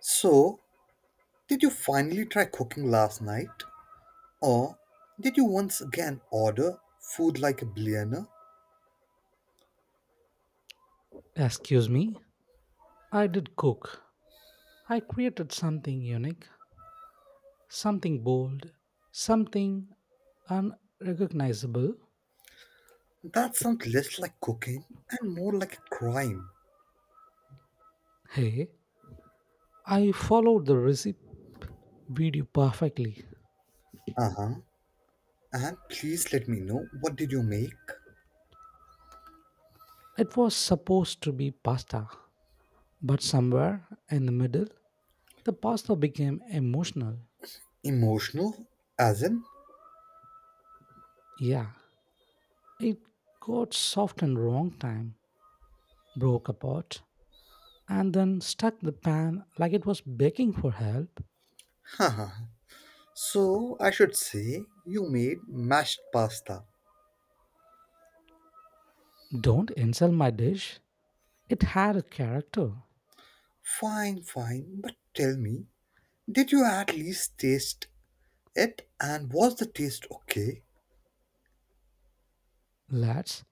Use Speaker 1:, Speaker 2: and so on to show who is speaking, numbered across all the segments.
Speaker 1: So, did you finally try cooking last night? Or did you once again order food like a billionaire?
Speaker 2: Excuse me, I did cook. I created something unique, something bold, something unrecognizable.
Speaker 1: That sounds less like cooking and more like a crime.
Speaker 2: Hey, I followed the recipe video perfectly.
Speaker 1: Uh huh. And please let me know what did you make?
Speaker 2: It was supposed to be pasta, but somewhere in the middle, the pasta became emotional.
Speaker 1: Emotional? As in?
Speaker 2: Yeah, it got soft and wrong time, broke apart, and then stuck the pan like it was begging for help.
Speaker 1: Haha. So I should say you made mashed pasta.
Speaker 2: Don't insult my dish. It had a character.
Speaker 1: Fine, fine, but tell me, did you at least taste it and was the taste okay?
Speaker 2: Let's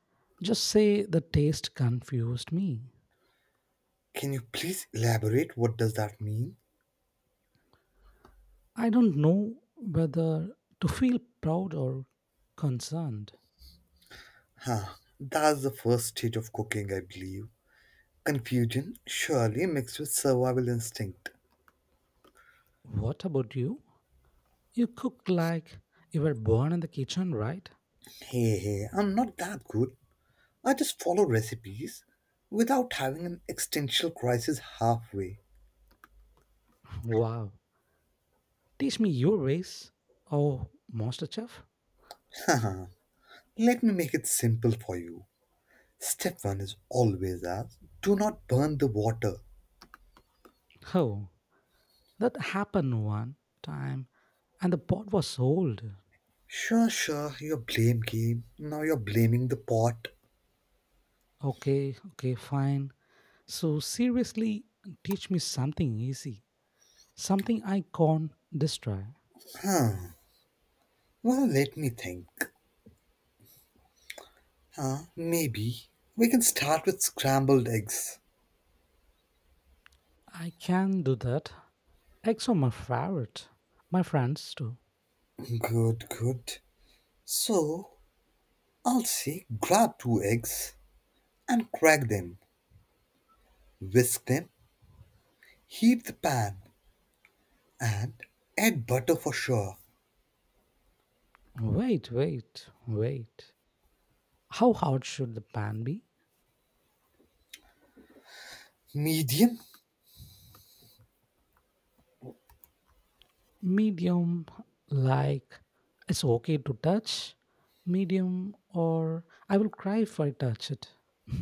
Speaker 2: just say the taste confused me.
Speaker 1: Can you please elaborate what does that mean?
Speaker 2: I don't know whether to feel proud or concerned.
Speaker 1: Huh, that's the first stage of cooking, I believe. Confusion, surely mixed with survival instinct.
Speaker 2: What about you? You cooked like you were born in the kitchen, right?
Speaker 1: Hey, hey, I'm not that good. I just follow recipes without having an existential crisis halfway.
Speaker 2: Wow. Teach me your ways. Oh, Master Chef?
Speaker 1: Haha, let me make it simple for you. Step 1 is always ask, do not burn the water.
Speaker 2: Oh, that happened one time and the pot was old.
Speaker 1: Sure, sure, your blame game. Now you're blaming the pot.
Speaker 2: Okay, okay, fine. So, seriously, teach me something easy. Something I can't destroy.
Speaker 1: Huh, well, let me think. Huh? Maybe. We can start with scrambled eggs.
Speaker 2: I can do that. Eggs are my favorite. My friends too.
Speaker 1: Good, good. So, I'll say grab two eggs and crack them, whisk them, heat the pan, and add butter for sure.
Speaker 2: Wait, wait, wait. How hard should the pan be?
Speaker 1: Medium?
Speaker 2: Medium, like it's okay to touch. Medium, or I will cry if I touch it.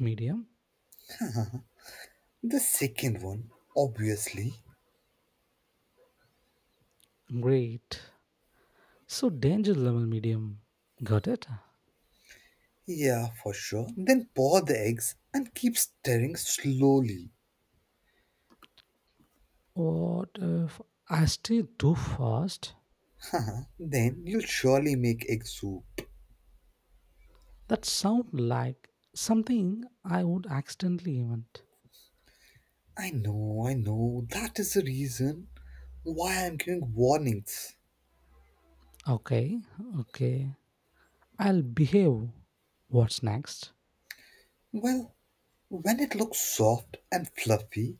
Speaker 2: Medium?
Speaker 1: The second one, obviously.
Speaker 2: Great. So, danger level medium. Got it?
Speaker 1: Yeah, for sure. Then pour the eggs and keep stirring slowly.
Speaker 2: What if I stay too fast?
Speaker 1: then you'll surely make egg soup.
Speaker 2: That sound like something I would accidentally invent.
Speaker 1: I know, I know. That is the reason why I'm giving warnings.
Speaker 2: Okay, okay. I'll behave. What's next?
Speaker 1: Well, when it looks soft and fluffy,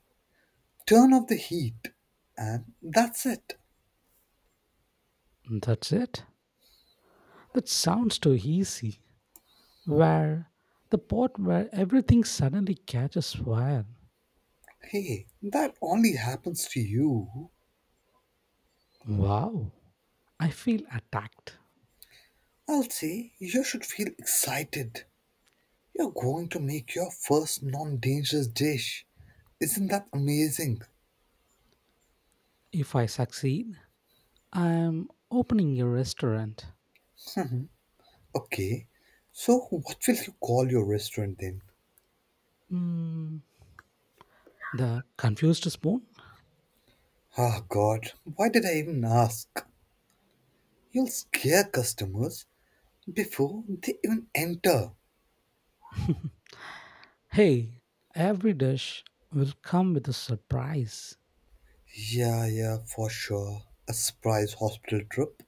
Speaker 1: turn off the heat. And that's it.
Speaker 2: That's it. That sounds too easy. Where the part where everything suddenly catches fire.
Speaker 1: Hey, that only happens to you.
Speaker 2: Wow. I feel attacked.
Speaker 1: I'll say you should feel excited. You're going to make your first non dangerous dish. Isn't that amazing?
Speaker 2: If I succeed, I'm opening a restaurant.
Speaker 1: Okay, so what will you call your restaurant then?
Speaker 2: Mm, the confused spoon?
Speaker 1: Ah, God, why did I even ask? You'll scare customers before they even enter.
Speaker 2: Hey, every dish will come with a surprise.
Speaker 1: Yeah, yeah, for sure. A surprise hospital trip?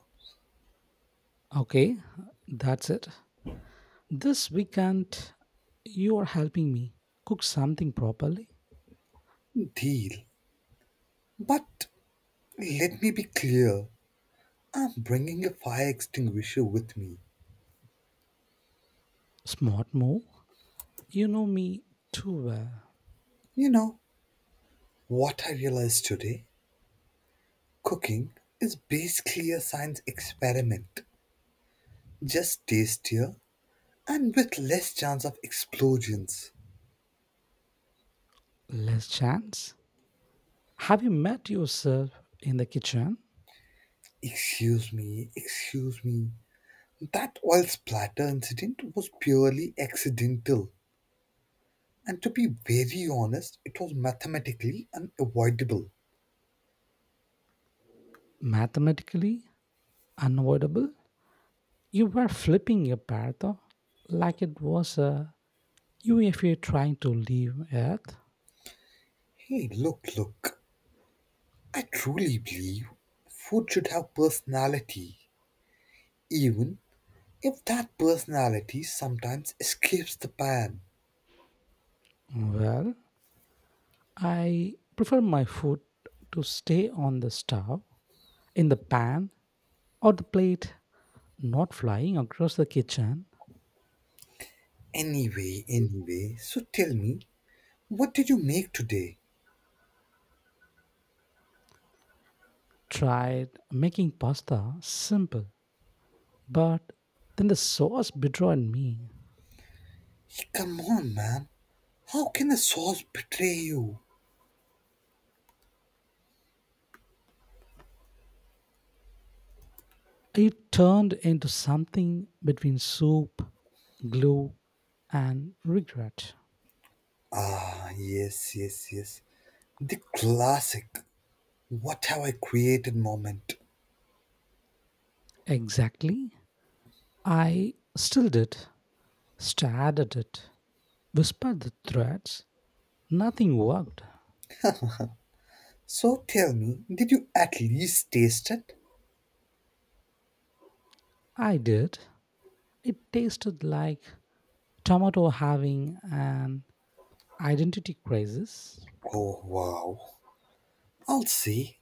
Speaker 2: Okay, that's it. This weekend, you are helping me cook something properly.
Speaker 1: Deal. But let me be clear I'm bringing a fire extinguisher with me.
Speaker 2: Smart move. You know me too well.
Speaker 1: You know, what I realized today? Cooking is basically a science experiment, just tastier and with less chance of explosions.
Speaker 2: Less chance. Have you met yourself in the kitchen?
Speaker 1: Excuse me, excuse me. That oil splatter incident was purely accidental, and to be very honest, it was mathematically unavoidable.
Speaker 2: Mathematically unavoidable. You were flipping your paratha like it was a UFA trying to leave Earth.
Speaker 1: Hey, look, look, I truly believe food should have personality, even if that personality sometimes escapes the pan.
Speaker 2: Well, I prefer my food to stay on the stove, in the pan, or the plate not flying across the kitchen.
Speaker 1: Anyway, anyway, so tell me, what did you make today?
Speaker 2: Tried making pasta simple, but then the sauce betrayed me.
Speaker 1: Hey, come on, man. How can a sauce betray you?
Speaker 2: It turned into something between soup, glue, and regret.
Speaker 1: Ah, yes, yes, yes. The classic. What have I created moment?
Speaker 2: Exactly. I still did, stared at it, whispered the threats. Nothing worked.
Speaker 1: So tell me, did you at least taste it?
Speaker 2: I did. It tasted like tomato having an identity crisis.
Speaker 1: Oh wow. I'll see.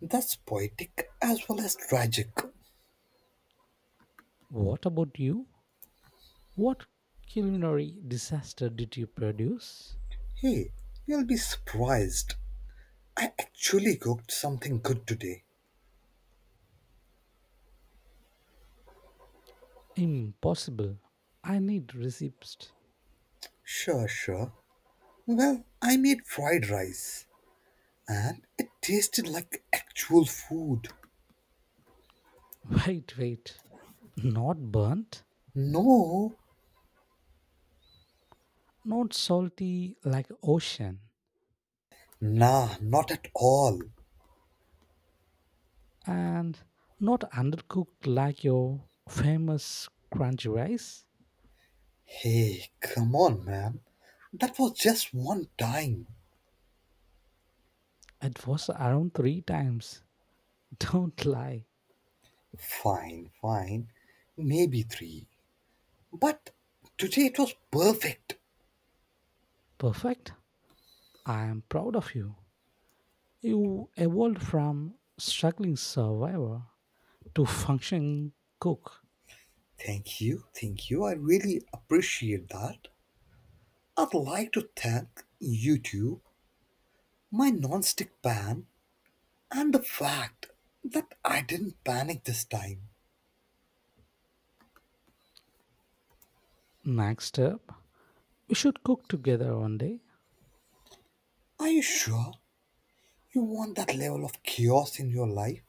Speaker 1: That's poetic as well as tragic.
Speaker 2: What about you? What culinary disaster did you produce?
Speaker 1: Hey, you'll be surprised. I actually cooked something good today.
Speaker 2: Impossible. I need receipts.
Speaker 1: Sure, sure. Well, I made fried rice and it tasted like actual food.
Speaker 2: Wait, wait. Not burnt,
Speaker 1: No,
Speaker 2: not salty like ocean,
Speaker 1: nah, not at all.
Speaker 2: and not undercooked like your famous crunchy rice.
Speaker 1: Hey, come on, man. That was just one time.
Speaker 2: It was around three times. Don't lie.
Speaker 1: Fine, fine. Maybe three. But today it was perfect.
Speaker 2: Perfect. I am proud of you. You evolved from struggling survivor to functioning cook.
Speaker 1: Thank you, thank you. I really appreciate that. I'd like to thank you two, my nonstick pan, and the fact that I didn't panic this time.
Speaker 2: Next up, we should cook together one day.
Speaker 1: Are you sure you want that level of chaos in your life?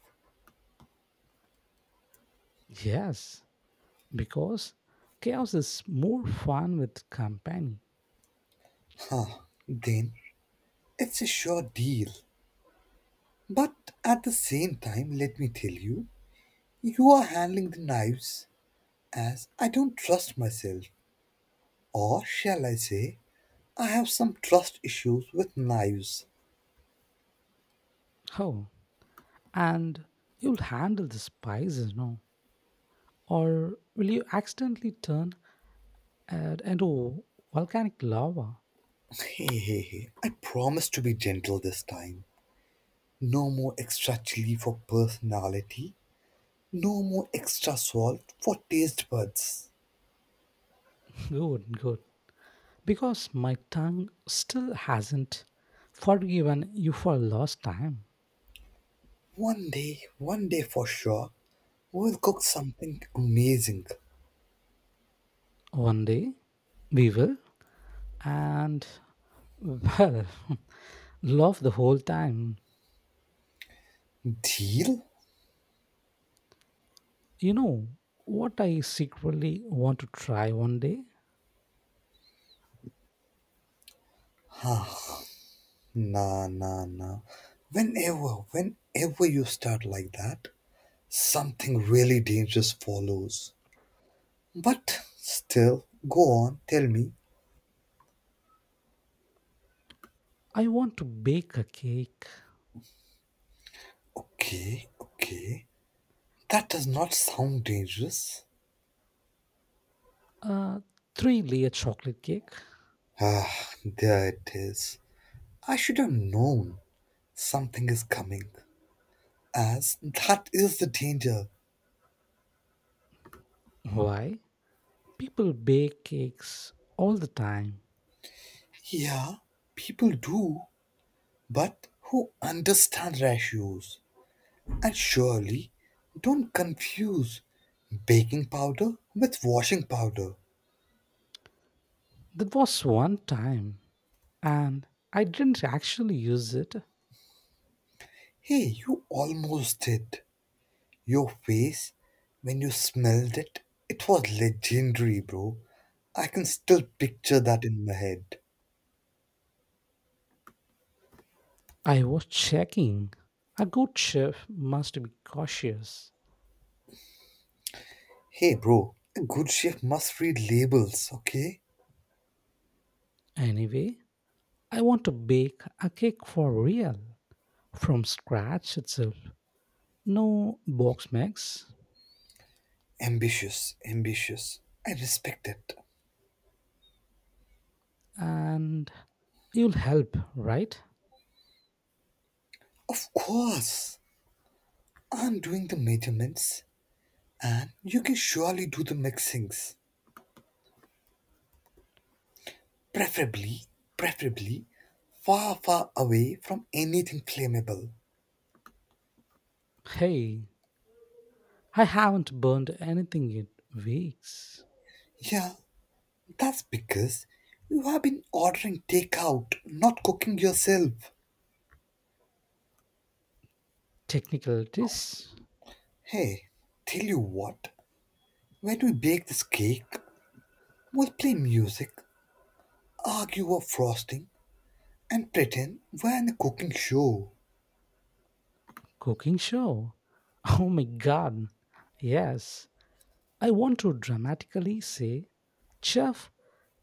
Speaker 2: Yes, because chaos is more fun with company.
Speaker 1: Huh, then it's a sure deal. But at the same time, let me tell you, you are handling the knives as I don't trust myself. Or shall I say, I have some trust issues with knives.
Speaker 2: Oh, and you'll handle the spices, no? Or will you accidentally turn it into volcanic lava?
Speaker 1: Hey, hey, hey, I promise to be gentle this time. No more extra chili for personality. No more extra salt for taste buds.
Speaker 2: Good, good. Because my tongue still hasn't forgiven you for lost time.
Speaker 1: One day for sure, we'll cook something amazing.
Speaker 2: One day we will, and well, love the whole time.
Speaker 1: Deal?
Speaker 2: You know what I secretly want to try one day?
Speaker 1: Nah, nah, nah. Whenever, whenever you start like that, something really dangerous follows. But still, go on, tell me.
Speaker 2: I want to bake a cake,
Speaker 1: Okay, okay. That does not sound dangerous.
Speaker 2: a three layer chocolate cake.
Speaker 1: Ah, there it is. I should have known something is coming, as that is the danger.
Speaker 2: Why? People bake cakes all the time.
Speaker 1: Yeah, people do, but who understand ratios? And surely don't confuse baking powder with washing powder.
Speaker 2: That was one time, and I didn't actually use it.
Speaker 1: Hey, you almost did. Your face when you smelled it, it was legendary, bro. I can still picture that in my head.
Speaker 2: I was checking. A good chef must be cautious.
Speaker 1: Hey, bro, a good chef must read labels, okay?
Speaker 2: Anyway, I want to bake a cake for real, from scratch itself. No box mix,
Speaker 1: Ambitious, ambitious. I respect it.
Speaker 2: and you'll help, right?
Speaker 1: Of course, I'm doing the measurements and you can surely do the mixings. Preferably, preferably, far, far away from anything flammable.
Speaker 2: Hey, I haven't burned anything in weeks.
Speaker 1: Yeah, that's because you have been ordering takeout, not cooking yourself.
Speaker 2: Technicalities?
Speaker 1: Hey, tell you what, when we bake this cake, we'll play music, argue over frosting, and pretend we're in a cooking show.
Speaker 2: Cooking show? Oh my god. Yes. I want to dramatically say, Chef,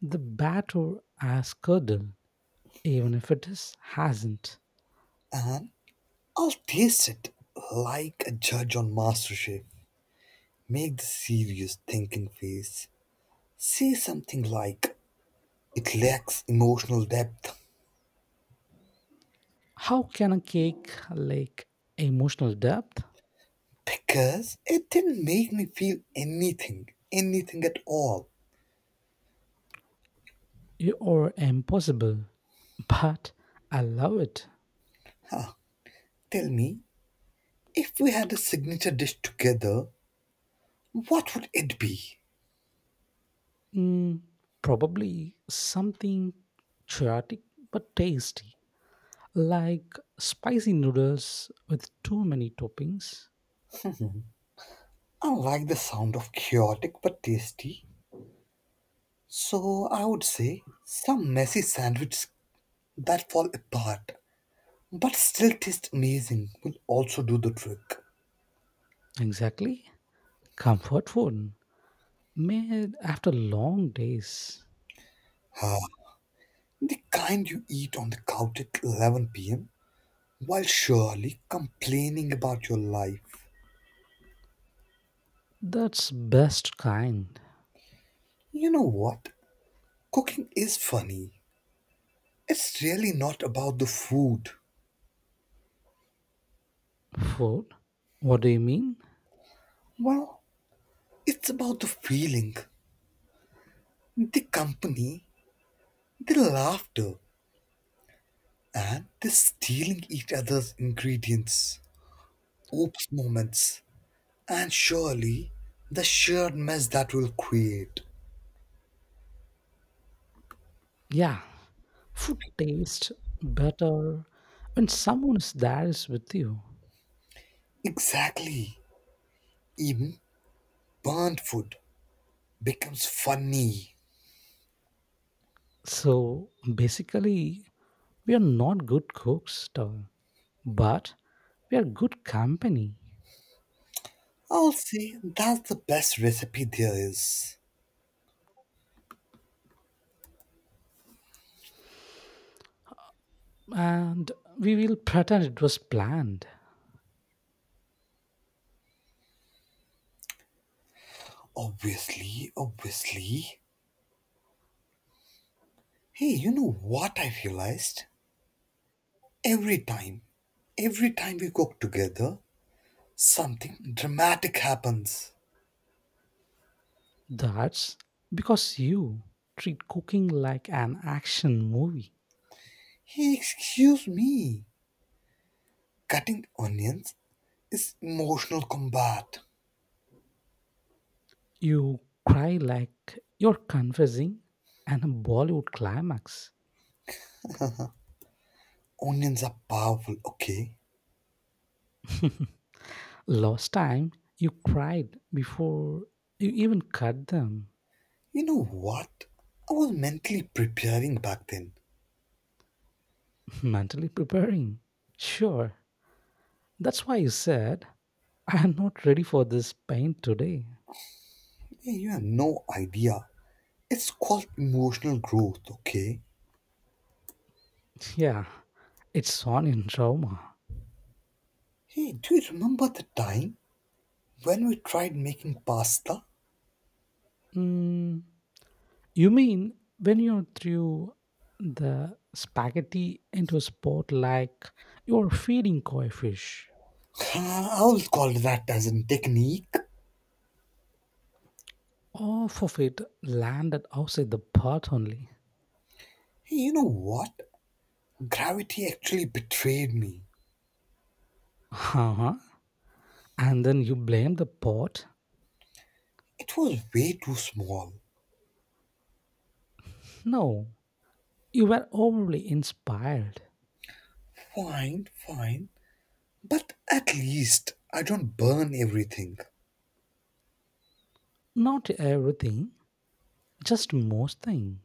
Speaker 2: the batter has curdled, even if it is hasn't.
Speaker 1: And I'll taste it like a judge on MasterChef. Make the serious thinking face. Say something like, it lacks emotional depth
Speaker 2: How can a cake lack emotional depth?
Speaker 1: because it didn't make me feel anything, anything at all.
Speaker 2: You are impossible, but I love it.
Speaker 1: Tell me, if we had a signature dish together, what would it be?
Speaker 2: Mm, probably something chaotic but tasty, like spicy noodles with too many toppings.
Speaker 1: I like the sound of chaotic but tasty, so I would say some messy sandwiches that fall apart but still taste amazing will also do the trick.
Speaker 2: Exactly. Comfort food made after long days.
Speaker 1: Ah, the kind you eat on the couch at 11 p.m. while surely complaining about your life.
Speaker 2: That's best kind.
Speaker 1: You know what? Cooking is funny. It's really not about the food.
Speaker 2: Food? What do you mean?
Speaker 1: Well, it's about the feeling, the company, the laughter, and the stealing each other's ingredients, oops moments, and surely the shared mess that will create.
Speaker 2: Yeah, food tastes better when someone is there is with you.
Speaker 1: Exactly. Even burnt food becomes funny.
Speaker 2: So basically, we are not good cooks, though, but we are good company
Speaker 1: I'll say that's the best recipe there is.
Speaker 2: and we will pretend it was planned.
Speaker 1: Obviously, obviously. Hey, you know what I realized? Every time, every time we cook together, something dramatic happens.
Speaker 2: That's because you treat cooking like an action movie.
Speaker 1: He, excuse me, cutting onions is emotional combat.
Speaker 2: You cry like you're confessing and a Bollywood climax.
Speaker 1: Onions are powerful, okay?
Speaker 2: Last time you cried before you even cut them.
Speaker 1: You know what? I was mentally preparing back then.
Speaker 2: Mentally preparing. Sure, that's why you said, I am not ready for this pain today.
Speaker 1: Hey, you have no idea. It's called emotional growth, okay?
Speaker 2: Yeah, it's on in trauma.
Speaker 1: Hey, do you remember the time when we tried making pasta?
Speaker 2: Mm, you mean when you threw the spaghetti into a spot like you were feeding koi fish?
Speaker 1: Ah, I will call that as a technique.
Speaker 2: Half of it landed outside the pot only.
Speaker 1: Hey, you know what? Gravity actually betrayed me.
Speaker 2: Huh. And then you blame the pot?
Speaker 1: It was way too small.
Speaker 2: No, you were overly inspired.
Speaker 1: Fine, fine. But at least I don't burn everything.
Speaker 2: Not everything, just most thing.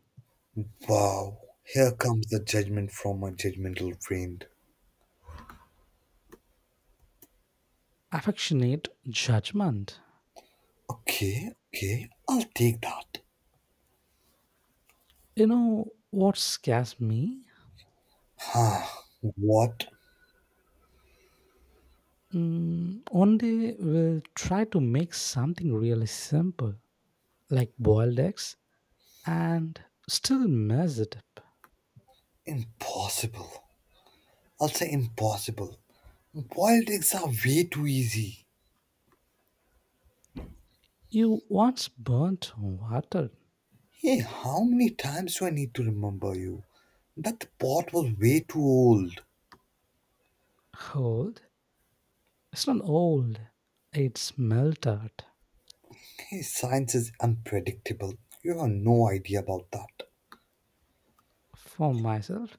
Speaker 1: Wow, here comes the judgment from my judgmental friend.
Speaker 2: Affectionate judgment.
Speaker 1: Okay, okay, I'll take that.
Speaker 2: You know what scares me?
Speaker 1: What?
Speaker 2: Mm, we will try to make something really simple, like boiled eggs, and still mess it up.
Speaker 1: Impossible. I'll say impossible. Boiled eggs are way too easy.
Speaker 2: You once burnt water.
Speaker 1: Hey, how many times do I need to remember you? That pot was way too old.
Speaker 2: Hold. It's not old. It's melted
Speaker 1: Hey, science is unpredictable. You have no idea about that.
Speaker 2: for myself.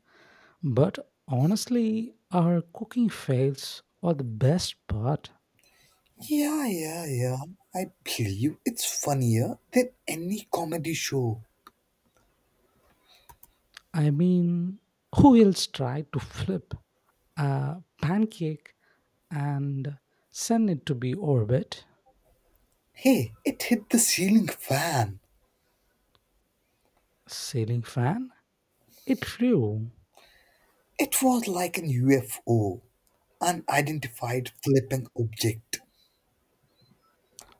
Speaker 2: But honestly, our cooking fails are the best part.
Speaker 1: Yeah, yeah, yeah. I believe it's funnier than any comedy show.
Speaker 2: I mean, who else tried to flip a pancake and send it to be orbit?
Speaker 1: Hey, it hit the ceiling fan.
Speaker 2: Ceiling fan? It flew.
Speaker 1: It was like an UFO, unidentified flipping object.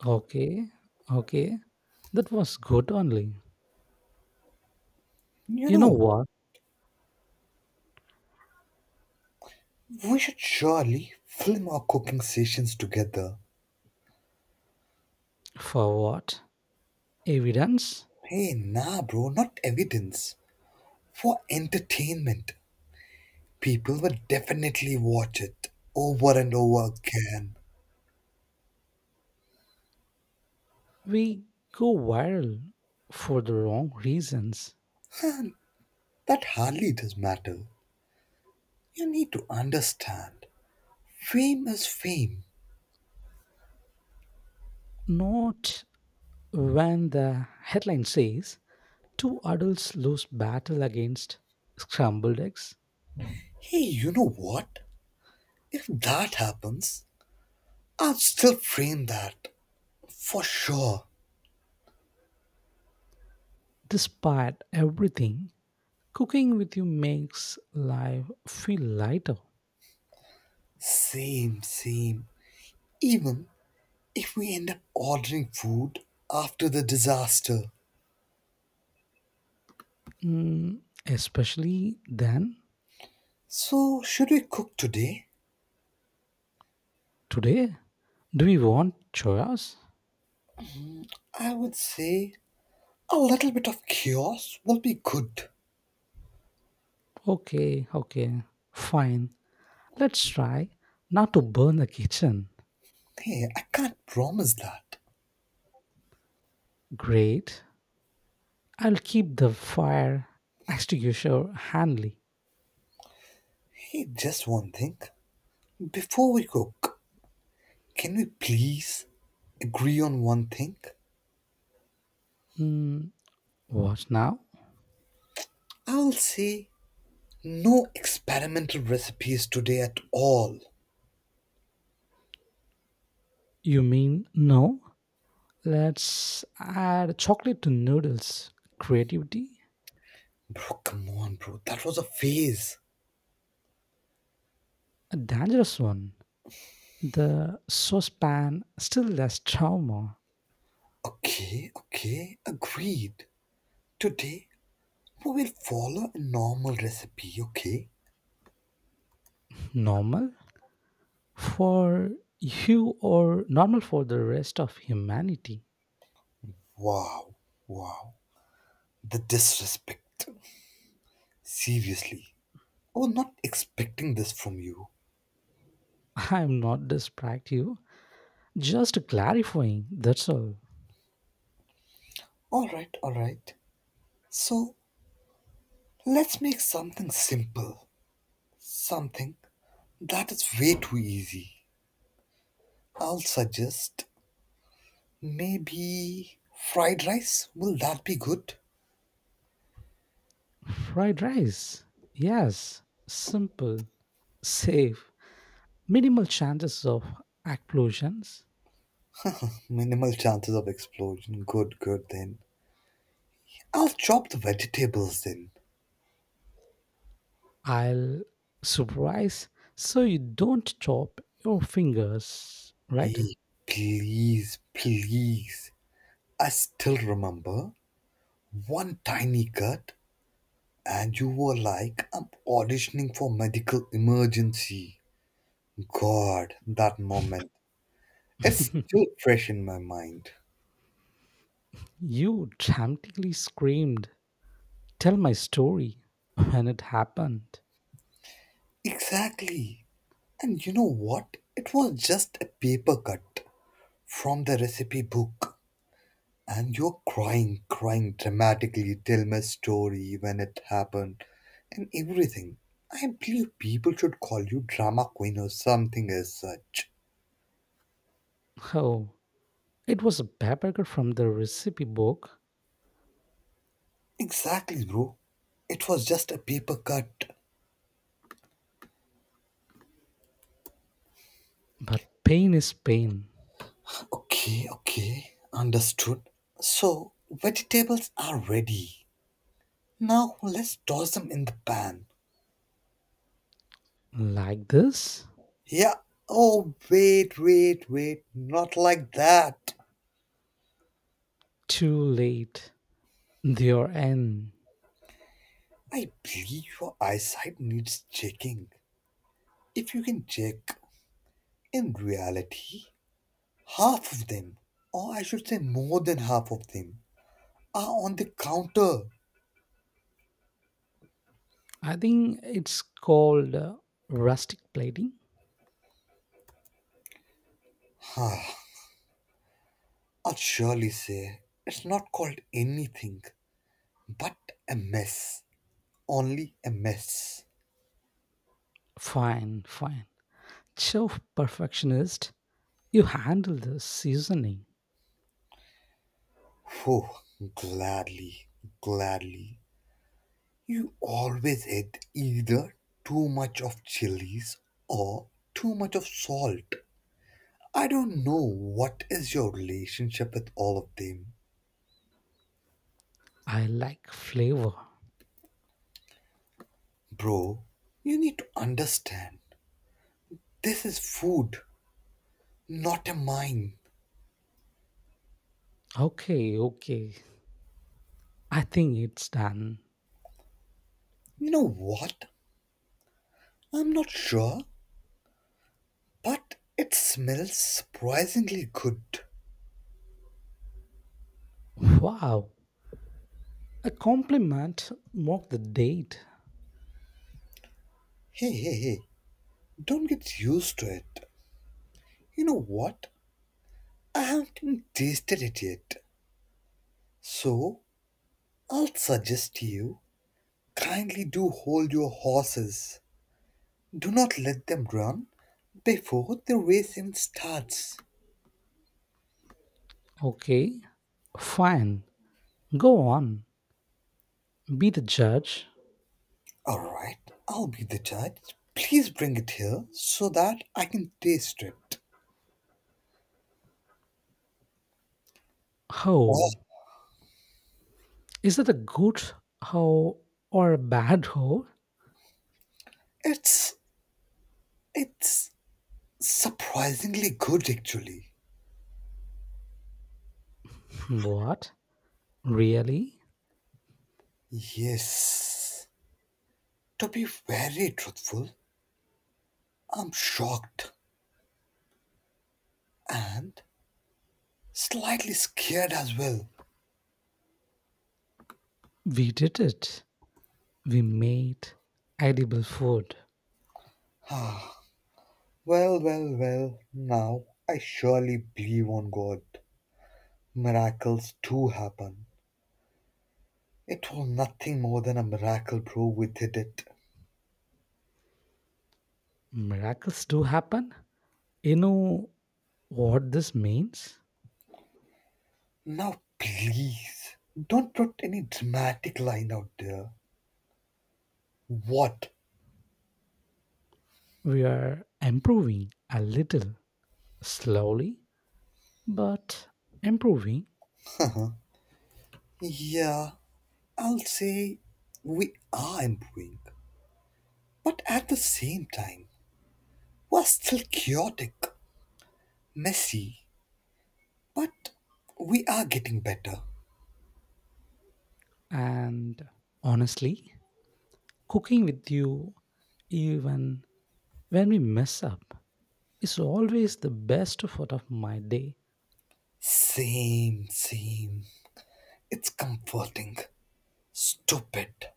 Speaker 2: Okay, okay. That was good only.
Speaker 1: You
Speaker 2: You know
Speaker 1: know,
Speaker 2: what?
Speaker 1: we should surely film our cooking sessions together.
Speaker 2: For what? Evidence?
Speaker 1: Hey, nah, bro, not evidence. For entertainment. People will definitely watch it over and over again.
Speaker 2: We go viral for the wrong reasons.
Speaker 1: that hardly does matter. You need to understand. Fame is fame.
Speaker 2: Not when the headline says two adults lose battle against scrambled eggs.
Speaker 1: Hey, you know what? If that happens, I'll still frame that. For sure.
Speaker 2: Despite everything, cooking with you makes life feel lighter.
Speaker 1: Same, same. Even if we end up ordering food after the disaster.
Speaker 2: Mm, especially then,
Speaker 1: So, should we cook today?
Speaker 2: today. Do we want chores?
Speaker 1: I would say a little bit of chaos will be good.
Speaker 2: Okay, okay, fine. Let's try not to burn the kitchen.
Speaker 1: Hey, I can't promise that.
Speaker 2: Great. I'll keep the fire extinguisher handy.
Speaker 1: Hey, just one thing. Before we cook, can we please agree on one thing?
Speaker 2: Mm, what now?
Speaker 1: I'll say no experimental recipes today at all.
Speaker 2: You mean no? Let's add chocolate to noodles. Creativity?
Speaker 1: Bro, come on, bro. That was a phase.
Speaker 2: A dangerous one. The saucepan still less trauma.
Speaker 1: Okay, okay, agreed. Today, we will follow a normal recipe, okay?
Speaker 2: Normal? For you or normal for the rest of humanity?
Speaker 1: Wow, wow. The disrespect. Seriously. I was not expecting this from you.
Speaker 2: I'm not distracting you, just clarifying, that's all.
Speaker 1: Alright, alright. So, let's make something simple. Something that is way too easy. I'll suggest maybe fried rice. Will that be good?
Speaker 2: Fried rice. Yes, simple, safe, minimal chances of explosions.
Speaker 1: Minimal chances of explosion. Good, good then. I'll chop the vegetables then.
Speaker 2: I'll surprise so you don't chop your fingers, right?
Speaker 1: Hey, please, please. I still remember one tiny cut, and you were like, I'm auditioning for medical emergency. God, that moment. It's still fresh in my mind.
Speaker 2: You dramatically screamed, Tell my story when it happened.
Speaker 1: Exactly. And you know what? It was just a paper cut from the recipe book. And you're crying, crying dramatically, tell my story when it happened, and everything. I believe people should call you drama queen or something as such.
Speaker 2: Oh, it was a paper cut from the recipe book,
Speaker 1: Exactly, bro. It was just a paper cut.
Speaker 2: but pain is pain.
Speaker 1: Okay, okay, understood. So, vegetables are ready. Now let's toss them in the pan.
Speaker 2: Like this.
Speaker 1: Yeah. Oh, wait, wait, wait. Not like that.
Speaker 2: Too late, their end.
Speaker 1: I believe your eyesight needs checking. If you can check, in reality, half of them, or I should say more than half of them, are on the counter.
Speaker 2: I think it's called rustic plating.
Speaker 1: I will surely say it's not called anything but a mess. Only a mess.
Speaker 2: Fine, fine, chef perfectionist, you handle the seasoning.
Speaker 1: Oh, gladly, gladly. You always had either too much of chilies or too much of salt. I don't know what is your relationship with all of them.
Speaker 2: I like flavor.
Speaker 1: Bro, you need to understand. This is food, not a mine.
Speaker 2: Okay, okay, I think it's done.
Speaker 1: You know what? I'm not sure, but it smells surprisingly good.
Speaker 2: Wow, a compliment, mark the date.
Speaker 1: Hey, hey, hey, don't get used to it. You know what? I haven't even tasted it yet. So, I'll suggest you kindly do hold your horses. Do not let them run before the race even starts.
Speaker 2: Okay, fine, go on, be the judge.
Speaker 1: Alright, I'll be the judge. Please bring it here so that I can taste it. Oh,
Speaker 2: Oh, is that a good hoe or a bad hoe?
Speaker 1: it's it's surprisingly good actually.
Speaker 2: What? Really?
Speaker 1: Yes. To be very truthful, I'm shocked and slightly scared as well.
Speaker 2: We did it. We made edible food.
Speaker 1: Well, well, well. Now I surely believe on God. Miracles do happen. It was nothing more than a miracle, bro. We did it.
Speaker 2: Miracles do happen. You know what this means?
Speaker 1: Now, please, don't put any dramatic line out there. What?
Speaker 2: We are improving a little, slowly, but improving.
Speaker 1: Yeah, I'll say we are improving. But at the same time, we're still chaotic, messy, but we are getting better.
Speaker 2: And honestly, cooking with you, even when we mess up, is always the best part of my day.
Speaker 1: Same, same. It's comforting, stupid,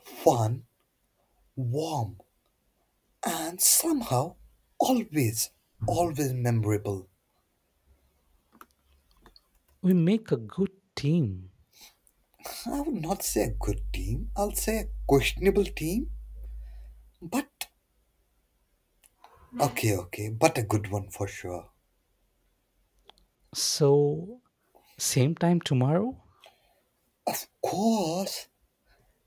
Speaker 1: fun, warm, and somehow always, always memorable.
Speaker 2: We make a good team.
Speaker 1: I would not say a good team, I'll say a questionable team, but okay, okay, but a good one for sure.
Speaker 2: So, same time tomorrow?
Speaker 1: Of course,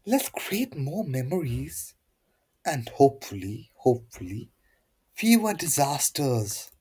Speaker 1: let's create more memories and hopefully, hopefully, fewer disasters.